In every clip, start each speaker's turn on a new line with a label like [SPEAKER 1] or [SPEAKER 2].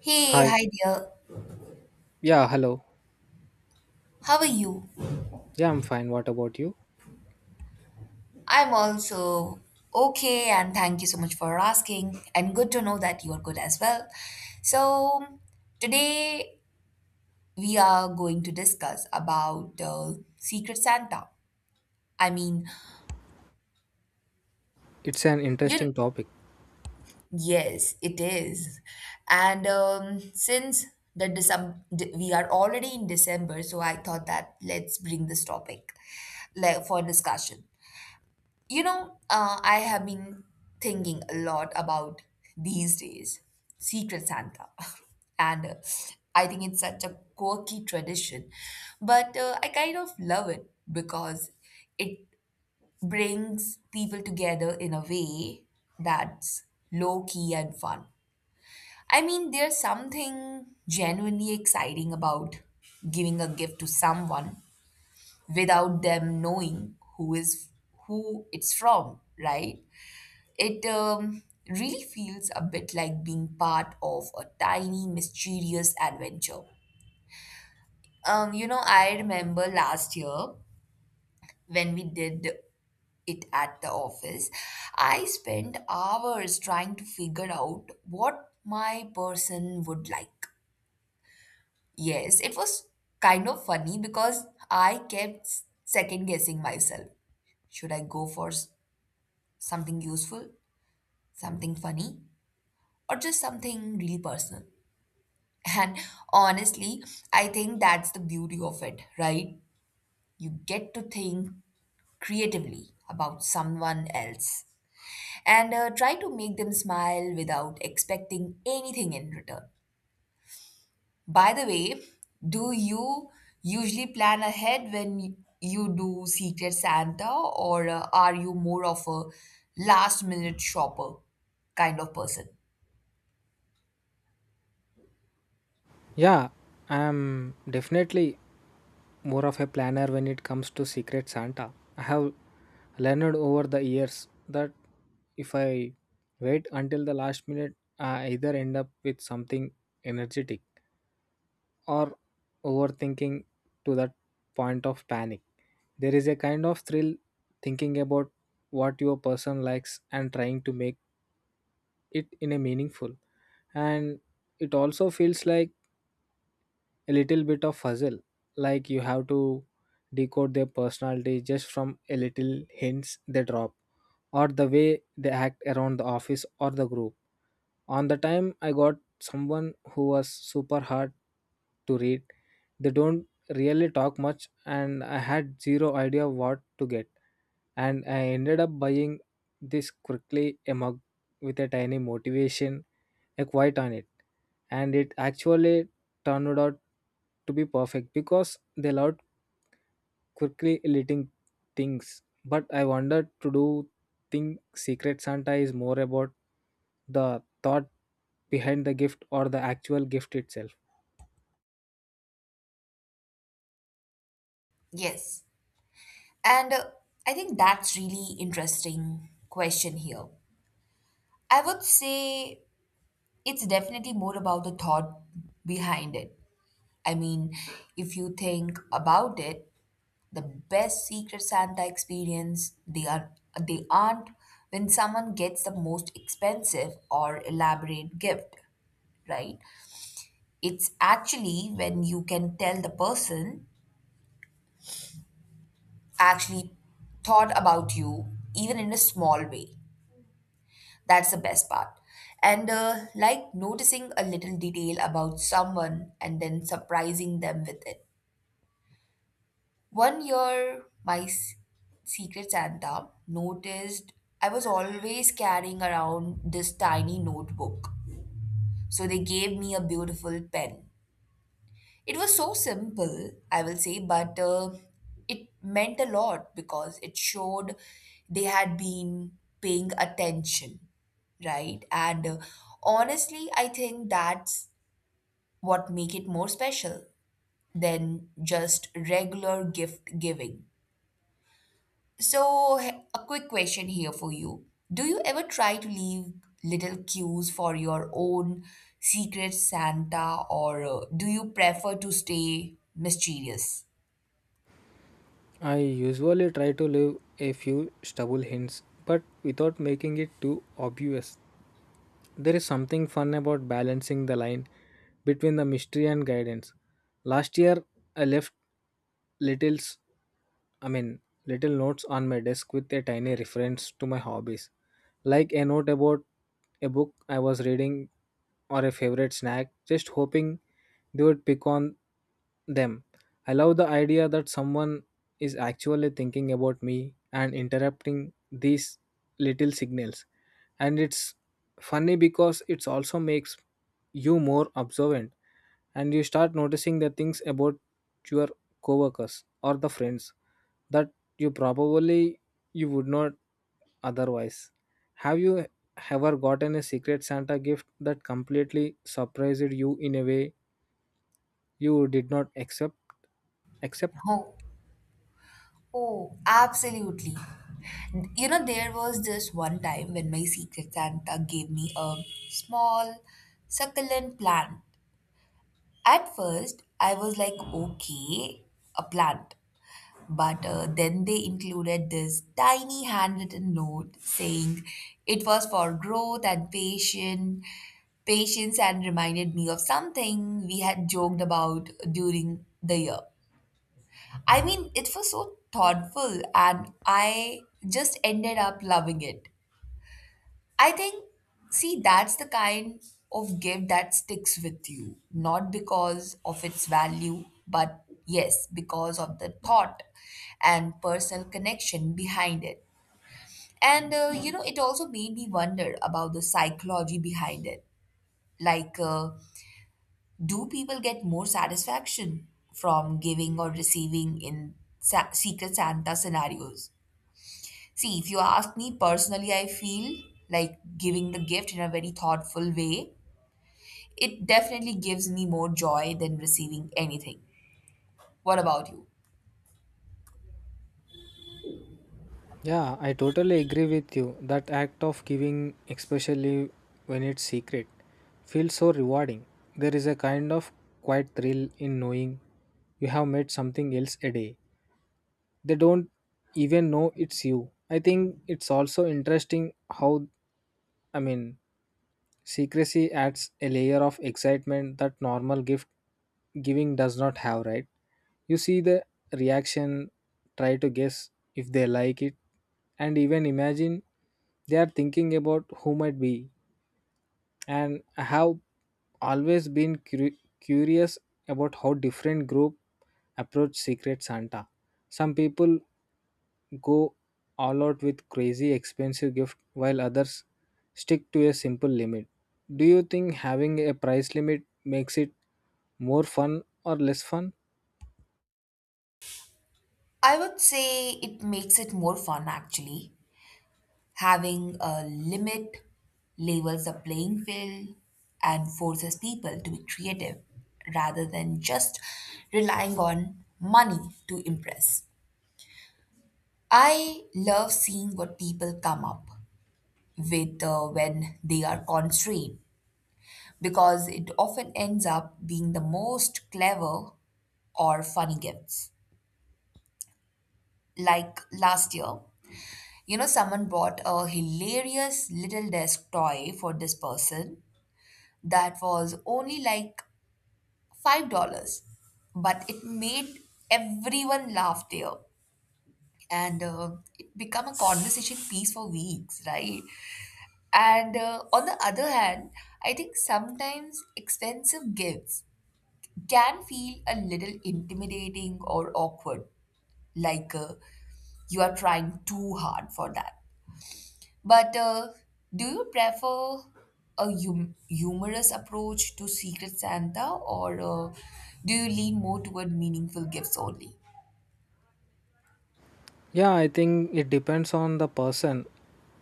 [SPEAKER 1] Hey,
[SPEAKER 2] Hi.
[SPEAKER 1] hi dear.
[SPEAKER 2] Yeah, hello.
[SPEAKER 1] How are you?
[SPEAKER 2] Yeah, I'm fine. What about you?
[SPEAKER 1] I'm also okay, and thank you so much for asking. And good to know that you are good as well. So, today we are going to discuss about Secret Santa. I mean,
[SPEAKER 2] It's an
[SPEAKER 1] you
[SPEAKER 2] interesting topic.
[SPEAKER 1] yes, it is. And since the December, we are already in December, so I thought that let's bring this topic like for discussion. You know, I have been thinking a lot about these days Secret Santa. And I think it's such a quirky tradition. But I kind of love it because it brings people together in a way that's low key and fun. I mean, there's something genuinely exciting about giving a gift to someone without them knowing who it's from, right? It really feels a bit like being part of a tiny, mysterious adventure. I remember last year when we did it at the office, I spent hours trying to figure out what my person would like. Yes, it was kind of funny because I kept second guessing myself. Should I go for something useful, something funny, or just something really personal? And honestly, I think that's the beauty of it, right? You get to think creatively about someone else and try to make them smile without expecting anything in return. By the way, do you usually plan ahead when you do Secret Santa, or are you more of a last minute shopper kind of person?
[SPEAKER 2] Yeah, I'm definitely more of a planner when it comes to Secret Santa. I have learned over the years that if I wait until the last minute, I either end up with something energetic or overthinking to that point of panic. There is a kind of thrill thinking about what your person likes and trying to make it in a meaningful, and it also feels like a little bit of puzzle, like you have to decode their personality just from a little hints they drop or the way they act around the office or the group. On the time I got someone who was super hard to read, they don't really talk much, and I had zero idea what to get, and I ended up buying this quickly a mug with a tiny motivation a quote on it, and it actually turned out to be perfect because they loved quickly leading things. But I wanted to do think Secret Santa is more about the thought behind the gift or the actual gift itself.
[SPEAKER 1] Yes. And I think that's really interesting question here. I would say it's definitely more about the thought behind it. I mean, if you think about it, the best Secret Santa experience they aren't when someone gets the most expensive or elaborate gift, right? It's actually when you can tell the person actually thought about you even in a small way. That's the best part. And like noticing a little detail about someone and then surprising them with it. One year, my secret Santa noticed I was always carrying around this tiny notebook. So they gave me a beautiful pen. It was so simple, I will say, but it meant a lot because it showed they had been paying attention, right? And honestly, I think that's what make it more special than just regular gift giving. So, a quick question here for you. Do you ever try to leave little cues for your own secret Santa, or do you prefer to stay mysterious?
[SPEAKER 2] I usually try to leave a few stubble hints, but without making it too obvious. There is something fun about balancing the line between the mystery and guidance. Last year, I left littles I mean, little notes on my desk with a tiny reference to my hobbies, like a note about a book I was reading or a favorite snack, just hoping they would pick on them. I love the idea that someone is actually thinking about me and interrupting these little signals. And it's funny because it also makes you more observant, and you start noticing the things about your coworkers or the friends that you probably you would not otherwise. Have you ever gotten a Secret Santa gift that completely surprised you in a way you did not accept? Accept?
[SPEAKER 1] Oh, oh, absolutely. You know, there was this one time when my secret Santa gave me a small, succulent plant. At first, I was like, okay, a plant. But then they included this tiny handwritten note saying it was for growth and patience, and reminded me of something we had joked about during the year. I mean, it was so thoughtful and I just ended up loving it. I think, see, that's the kind of gift that sticks with you, not because of its value, but yes, because of the thought and personal connection behind it. And, you know, it also made me wonder about the psychology behind it. Like, do people get more satisfaction from giving or receiving in Secret Santa scenarios? See, if you ask me personally, I feel like giving the gift in a very thoughtful way. It definitely gives me more joy than receiving anything. What about you?
[SPEAKER 2] Yeah, I totally agree with you. That act of giving, especially when it's secret, feels so rewarding. There is a kind of quiet thrill in knowing you have made something else a day. They don't even know it's you. I think it's also interesting how, I mean, Secrecy adds a layer of excitement that normal gift giving does not have, right? You see the reaction, try to guess if they like it, and even imagine they are thinking about who might be. And I have always been curious about how different group approach Secret Santa. Some people go all out with crazy expensive gift while others stick to a simple limit. Do you think having a price limit makes it more fun or less fun?
[SPEAKER 1] I would say it makes it more fun actually. Having a limit labels the playing field and forces people to be creative rather than just relying on money to impress. I love seeing what people come up with when they are constrained because it often ends up being the most clever or funny gifts. Like last year, you know, someone bought a hilarious little desk toy for this person that was only like $5, but it made everyone laugh there. And it became a conversation piece for weeks, right? And on the other hand, I think sometimes expensive gifts can feel a little intimidating or awkward, like you are trying too hard for that. But do you prefer a humorous approach to Secret Santa, or do you lean more toward meaningful gifts only?
[SPEAKER 2] Yeah, I think it depends on the person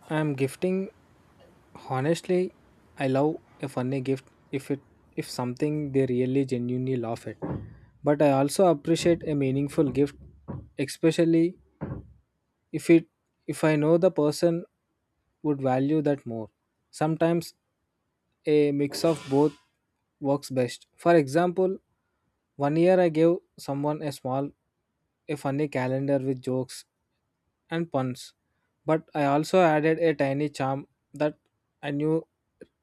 [SPEAKER 2] I'm gifting. Honestly, I love a funny gift if it if something they really genuinely laugh at. But I also appreciate a meaningful gift, especially if it if I know the person would value that more. Sometimes a mix of both works best. For example, one year I gave someone a funny calendar with jokes and puns, but I also added a tiny charm that I knew,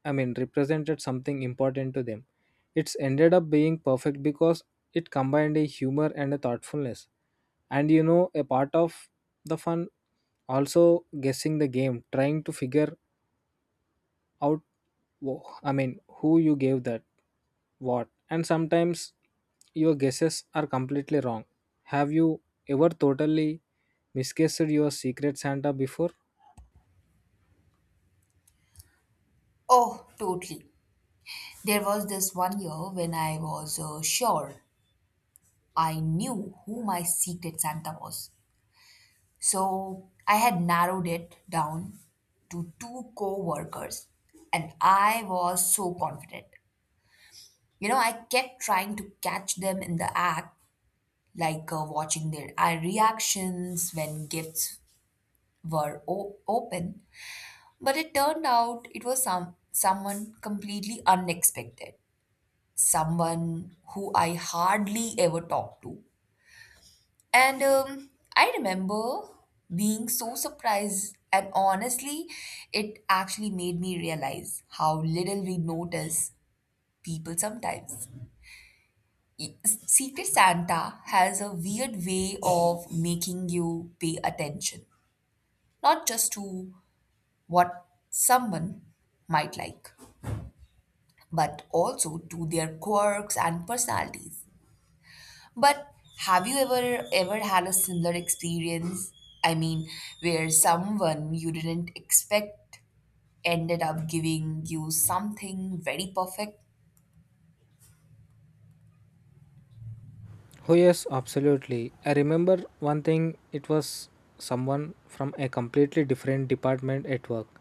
[SPEAKER 2] I mean, represented something important to them. It's ended up being perfect because it combined a humor and a thoughtfulness. And you know, a part of the fun also guessing the game, trying to figure out wo- i mean who you gave that what, and sometimes your guesses are completely wrong. Have you ever totally misguessed your Secret Santa before?
[SPEAKER 1] Oh, totally. There was this one year when I was sure I knew who my Secret Santa was. So I had narrowed it down to two co workers, and I was so confident. You know, I kept trying to catch them in the act, like watching their eye reactions when gifts were open. But it turned out it was someone completely unexpected, someone who I hardly ever talked to. And I remember being so surprised, and honestly, it actually made me realize how little we notice people sometimes. Secret Santa has a weird way of making you pay attention, not just to what someone might like, but also to their quirks and personalities. But have you ever had a similar experience? I mean, where someone you didn't expect ended up giving you something very perfect?
[SPEAKER 2] Oh yes, absolutely. I remember one thing, it was someone from a completely different department at work,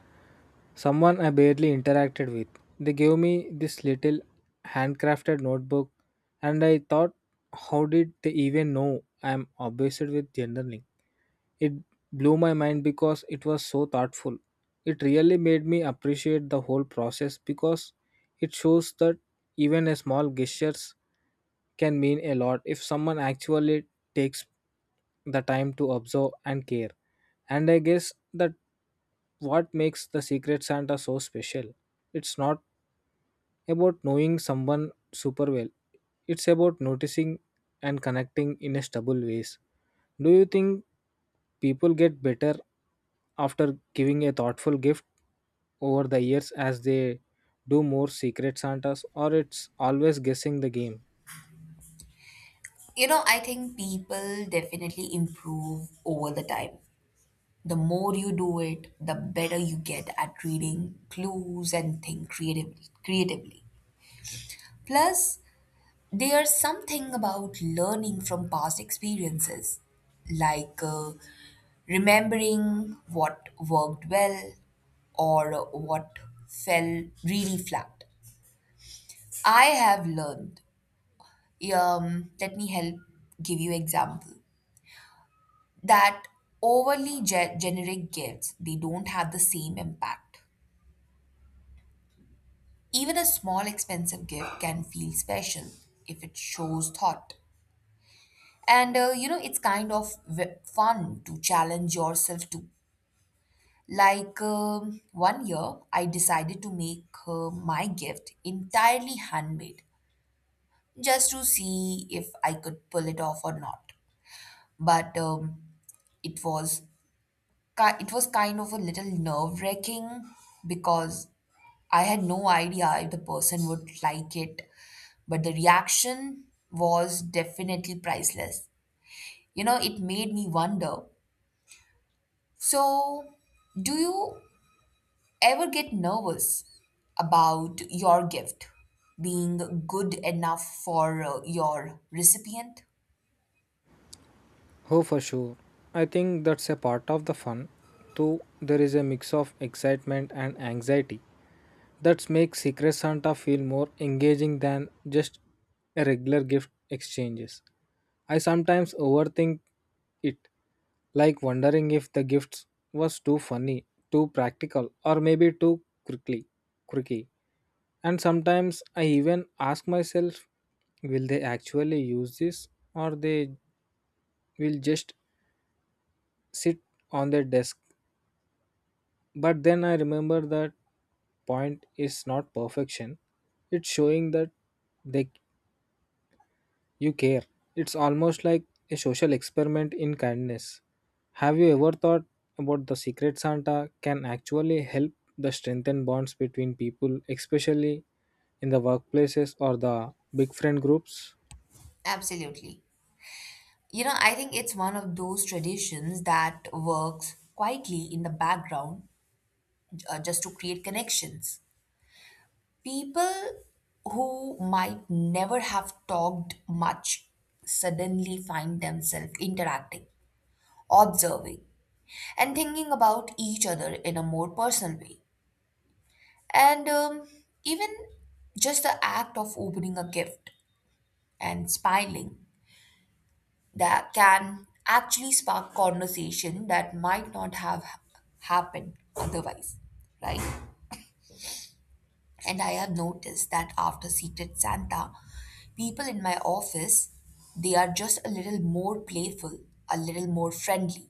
[SPEAKER 2] someone I barely interacted with. They gave me this little handcrafted notebook, and I thought, how did they even know I am obsessed with journaling? It blew my mind because it was so thoughtful. It really made me appreciate the whole process because it shows that even a small gestures can mean a lot if someone actually takes the time to observe and care. And I guess that what makes the Secret Santa so special. It's not about knowing someone super well. It's about noticing and connecting in a stable ways. Do you think people get better after giving a thoughtful gift over the years as they do more Secret Santas, or it's always guessing the game?
[SPEAKER 1] You know, I think people definitely improve over the time. The more you do it, the better you get at reading clues and think creatively. Plus, there's something about learning from past experiences, like remembering what worked well or what fell really flat. I have learned, let me help give you example, that overly generic gifts, they don't have the same impact. Even a small expensive gift can feel special if it shows thought. And you know, it's kind of fun to challenge yourself too. Like one year, I decided to make my gift entirely handmade just to see if I could pull it off or not. But it was kind of a little nerve wracking because I had no idea if the person would like it. But the reaction was definitely priceless. You know, it made me wonder. So, do you ever get nervous about your gift being good enough for your recipient?
[SPEAKER 2] Oh, for sure. I think that's a part of the fun too. There is a mix of excitement and anxiety that makes Secret Santa feel more engaging than just a regular gift exchanges. I sometimes overthink it, like wondering if the gifts was too funny, too practical, or maybe too quirky. And sometimes I even ask myself, will they actually use this, or they will just sit on their desk? But then I remember that point is not perfection. It's showing that they You care. It's almost like a social experiment in kindness. Have you ever thought about the Secret Santa can actually help the strengthen bonds between people, especially in the workplaces or the big friend groups?
[SPEAKER 1] Absolutely. You know, I think it's one of those traditions that works quietly in the background just to create connections. People who might never have talked much suddenly find themselves interacting observing, and thinking about each other in a more personal way. And even just the act of opening a gift and smiling that can actually spark conversation that might not have happened otherwise, right? And I have noticed that after Secret Santa, people in my office they are just a little more playful, a little more friendly,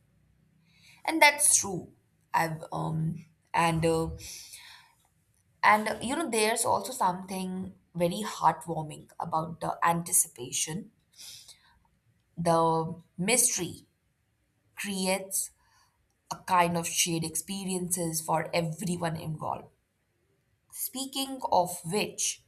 [SPEAKER 1] and that's true. I've and uh, and you know, there's also something very heartwarming about the anticipation. The mystery creates a kind of shared experiences for everyone involved. Speaking of which,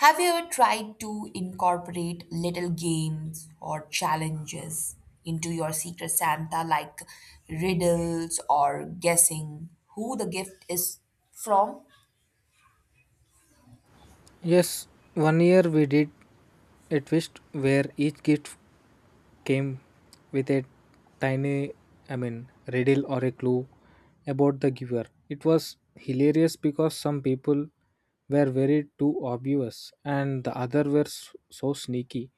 [SPEAKER 1] have you ever tried to incorporate little games or challenges into your Secret Santa, like riddles or guessing who the gift is from?
[SPEAKER 2] Yes, one year we did a twist where each gift came with a tiny, I mean, riddle or a clue about the giver. It was hilarious because some people were very too obvious and the other were so sneaky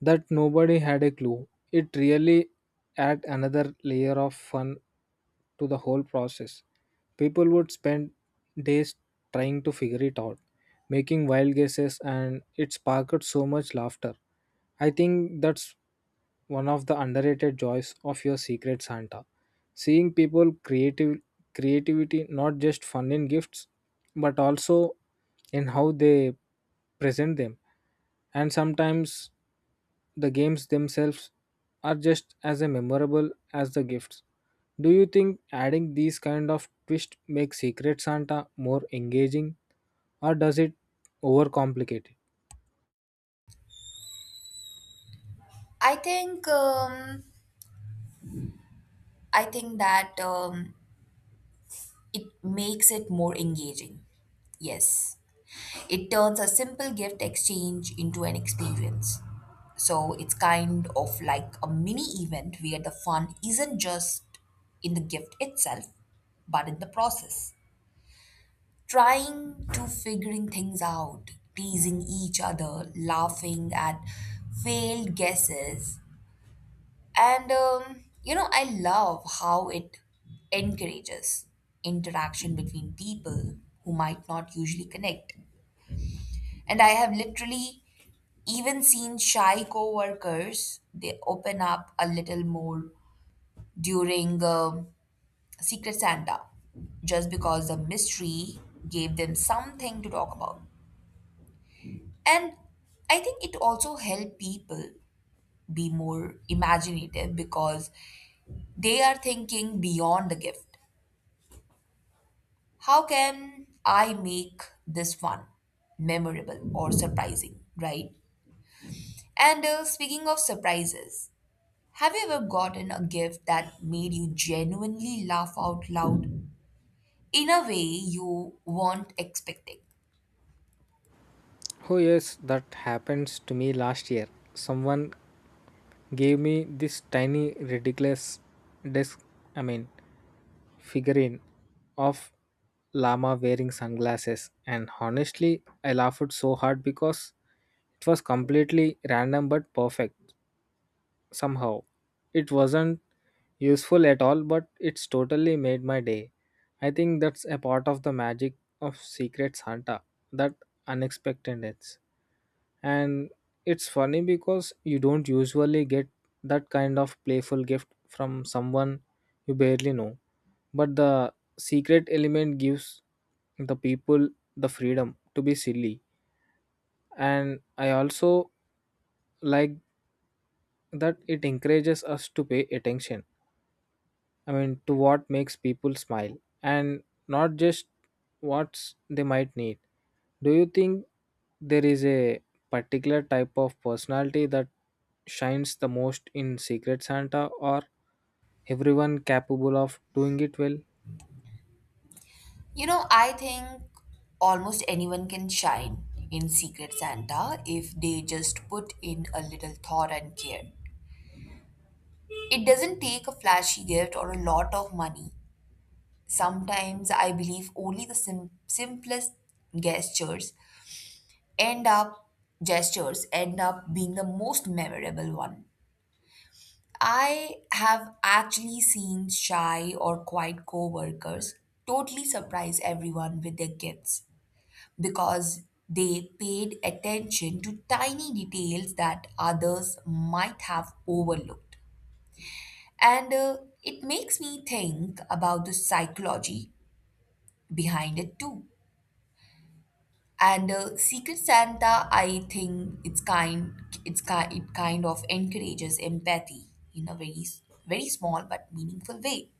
[SPEAKER 2] that nobody had a clue. It really add another layer of fun to the whole process. People would spend days trying to figure it out, making wild guesses, and it sparked so much laughter. I think that's one of the underrated joys of your Secret Santa. Seeing people creative creativity not just fun in gifts, but also in how they present them. And sometimes the games themselves are just as memorable as the gifts. Do you think adding these kind of twist makes Secret Santa more engaging, or does it overcomplicate it?
[SPEAKER 1] I think um, I think that. It makes it more engaging. Yes. It turns a simple gift exchange into an experience. So it's kind of like a mini event where the fun isn't just in the gift itself, but in the process. Trying to figuring things out, teasing each other, laughing at failed guesses, and you know, I love how it encourages interaction between people who might not usually connect. And I have literally even seen shy coworkers they open up a little more during Secret Santa just because the mystery gave them something to talk about. And I think it also helped people be more imaginative because they are thinking beyond the gift. How can I make this one memorable, or surprising, right? And speaking of surprises, have you ever gotten a gift that made you genuinely laugh out loud in a way you weren't expecting?
[SPEAKER 2] Oh yes, that happens to me last year. Someone gave me this tiny ridiculous disc I mean, figurine of llama wearing sunglasses, and honestly I laughed so hard because it was completely random but perfect somehow. It wasn't useful at all, but it's totally made my day. I think that's a part of the magic of Secret Santa, that unexpectedness. And it's funny because you don't usually get that kind of playful gift from someone you barely know, but the secret element gives the people the freedom to be silly. And I also like that it encourages us to pay attention, I mean, to what makes people smile and not just what they might need. Do you think there is a particular type of personality that shines the most in Secret Santa, or everyone capable of doing it well?
[SPEAKER 1] You know, I think almost anyone can shine in Secret Santa if they just put in a little thought and care. It doesn't take a flashy gift or a lot of money. Sometimes I believe only the simplest gestures end up gestures end up being the most memorable one. I have actually seen shy or quiet coworkers totally surprise everyone with their gifts because they paid attention to tiny details that others might have overlooked. And it makes me think about the psychology behind it too. And Secret Santa, I think it kind of encourages empathy in a very very small but meaningful way.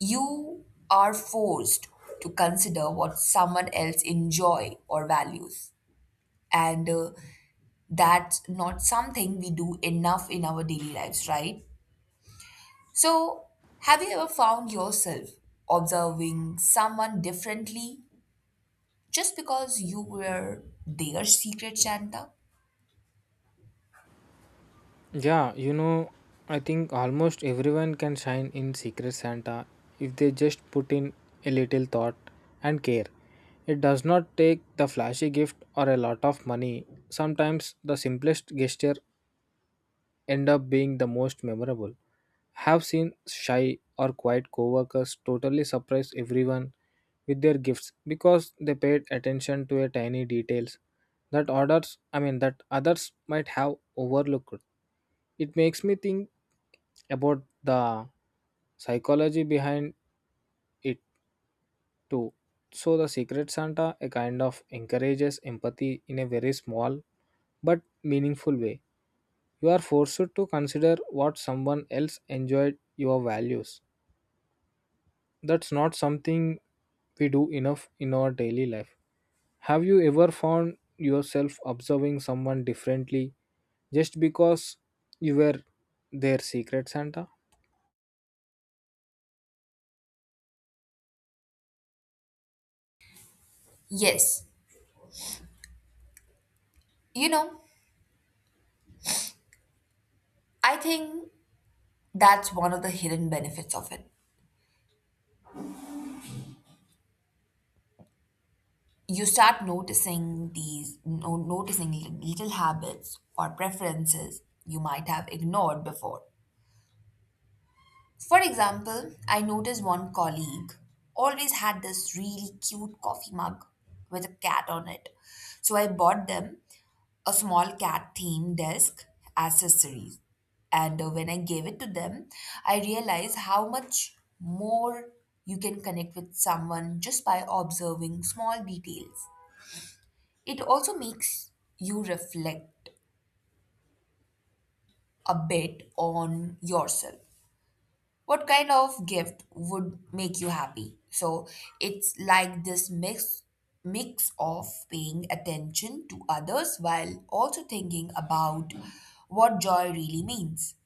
[SPEAKER 1] You are forced to consider what someone else enjoy or values, and that's not something we do enough in our daily lives, right? So, have you ever found yourself observing someone differently just because you were their Secret Santa?
[SPEAKER 2] Yeah, you know, I think almost everyone can shine in Secret Santa if they just put in a little thought and care. It does not take the flashy gift or a lot of money. Sometimes the simplest gesture end up being the most memorable. Have seen shy or quiet coworkers totally surprise everyone with their gifts because they paid attention to a tiny details that others, I mean that others might have overlooked. It makes me think about the psychology behind it too. So the Secret Santa a kind of encourages empathy in a very small but meaningful way. You are forced to consider what someone else enjoyed your values. That's not something we do enough in our daily life. Have you ever found yourself observing someone differently just because you were their Secret Santa?
[SPEAKER 1] Yes, you know, I think that's one of the hidden benefits of it. You start noticing these, no, noticing little habits or preferences you might have ignored before. For example, I noticed one colleague always had this really cute coffee mug with a cat on it. So I bought them a small cat themed desk accessories. And when I gave it to them, I realized how much more you can connect with someone just by observing small details. It also makes you reflect a bit on yourself. What kind of gift would make you happy? So it's like this mix of paying attention to others while also thinking about what joy really means.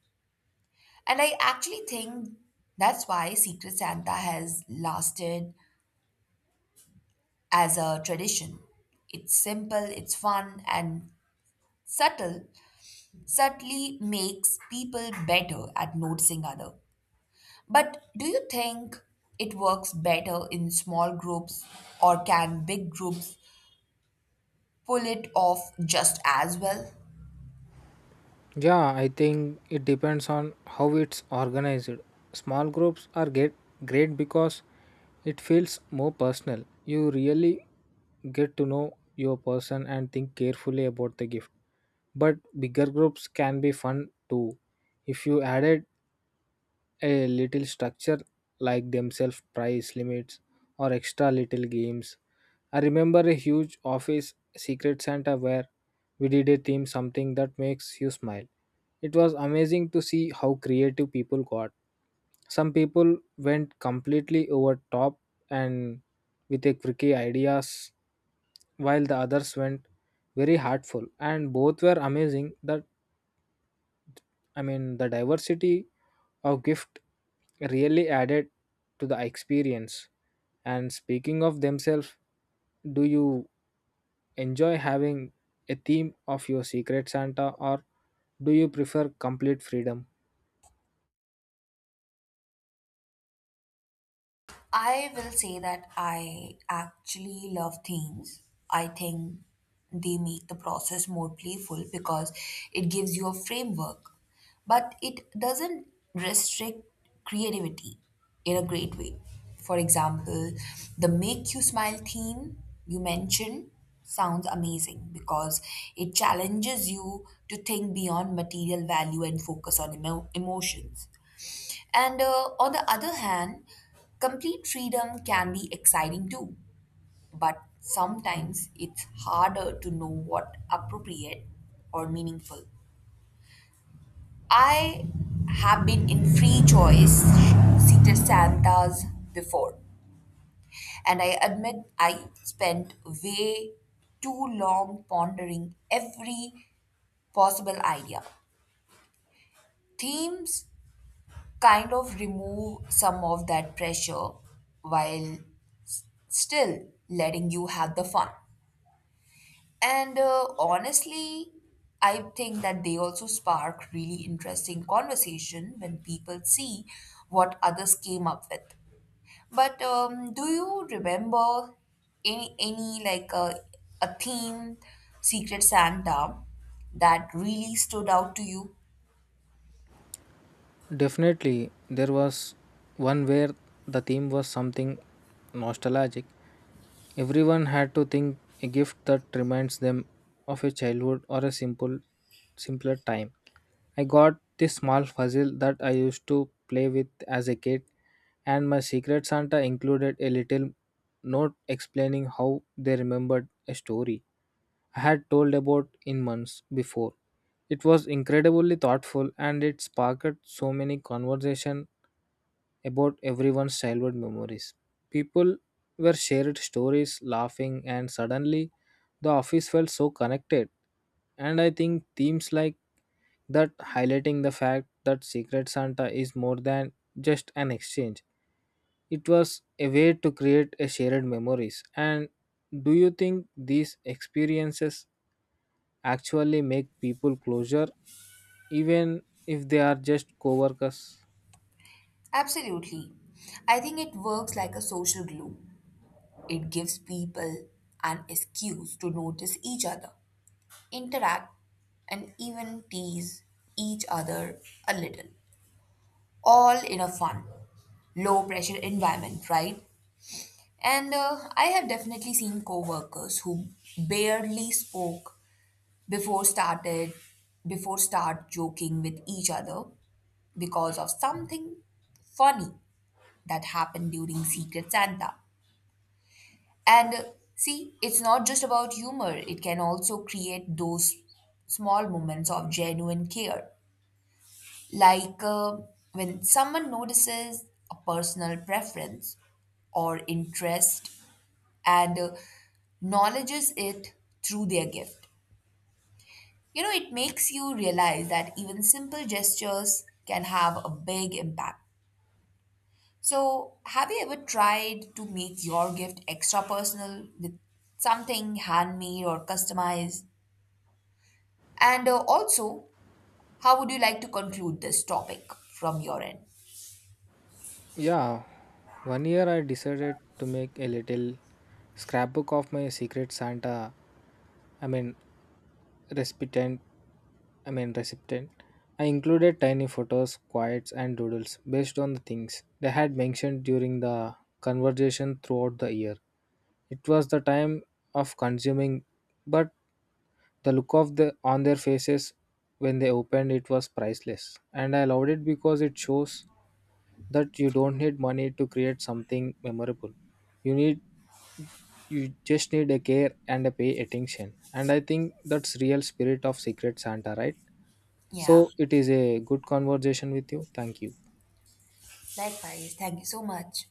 [SPEAKER 1] And I actually think that's why Secret Santa has lasted as a tradition. It's simple, it's fun, and subtle, subtly makes people better at noticing other. But do you think it works better in small groups or can big groups pull it off just as well?
[SPEAKER 2] Yeah, I think it depends on how it's organized. Small groups are get great because it feels more personal. You really get to know your person and think carefully about the gift. But bigger groups can be fun too if you added a little structure like themselves price limits or extra little games. I remember a huge office Secret Santa where we did a theme, something that makes you smile. It was amazing to see how creative people got. Some people went completely over top and with a quirky ideas while the others went very heartful, and both were amazing, that I mean, the diversity of gift really added to the experience. And speaking of themselves, do you enjoy having a theme of your Secret Santa, or do you prefer complete freedom?
[SPEAKER 1] I will say that I actually love themes. I think they make the process more playful because it gives you a framework, but it doesn't restrict creativity in a great way. For example, the make you smile theme you mentioned sounds amazing because it challenges you to think beyond material value and focus on emotions. And on the other hand, complete freedom can be exciting too, but sometimes it's harder to know what appropriate or meaningful. I have been in free choice Secret Santas before, and I admit I spent way too long pondering every possible idea. Themes kind of remove some of that pressure while still letting you have the fun. And honestly, I think that they also spark really interesting conversation when people see what others came up with. But do you remember any like a theme Secret Santa that really stood out to you?
[SPEAKER 2] Definitely, there was one where the theme was something nostalgic. Everyone had to think a gift that reminds them of a childhood or a simpler time. I got this small puzzle that I used to play with as a kid, and my Secret Santa included a little note explaining how they remembered a story I had told about in months before. It was incredibly thoughtful, and it sparked so many conversations about everyone's childhood memories. People were shared stories, laughing, and suddenly the office felt so connected, and I think themes like that highlighting the fact that Secret Santa is more than just an exchange. It was a way to create a shared memories. And do you think these experiences actually make people closer even if they are just co-workers?
[SPEAKER 1] Absolutely. I think it works like a social glue. It gives people an excuse to notice each other interact, and even tease each other a little. All in a fun, low pressure environment, right? And I have definitely seen coworkers who barely spoke before started before start joking with each other because of something funny that happened during Secret Santa. And see, it's not just about humor, it can also create those small moments of genuine care. Like when someone notices a personal preference or interest and acknowledges it through their gift. You know, it makes you realize that even simple gestures can have a big impact. So, have you ever tried to make your gift extra personal with something handmade or customized? And also, how would you like to conclude this topic from your end?
[SPEAKER 2] Yeah, one year I decided to make a little scrapbook of my Secret Santa, I mean, recipient recipient. I included tiny photos, quotes, and doodles based on the things they had mentioned during the conversation throughout the year. It was the time of consuming, but the look of the on their faces when they opened it was priceless. And I loved it because it shows that you don't need money to create something memorable. You need you just need a care and a pay attention. And I think that's real spirit of Secret Santa, right?
[SPEAKER 1] Yeah,
[SPEAKER 2] So it is a good conversation with you. Thank you.
[SPEAKER 1] likewise. Thank you so much.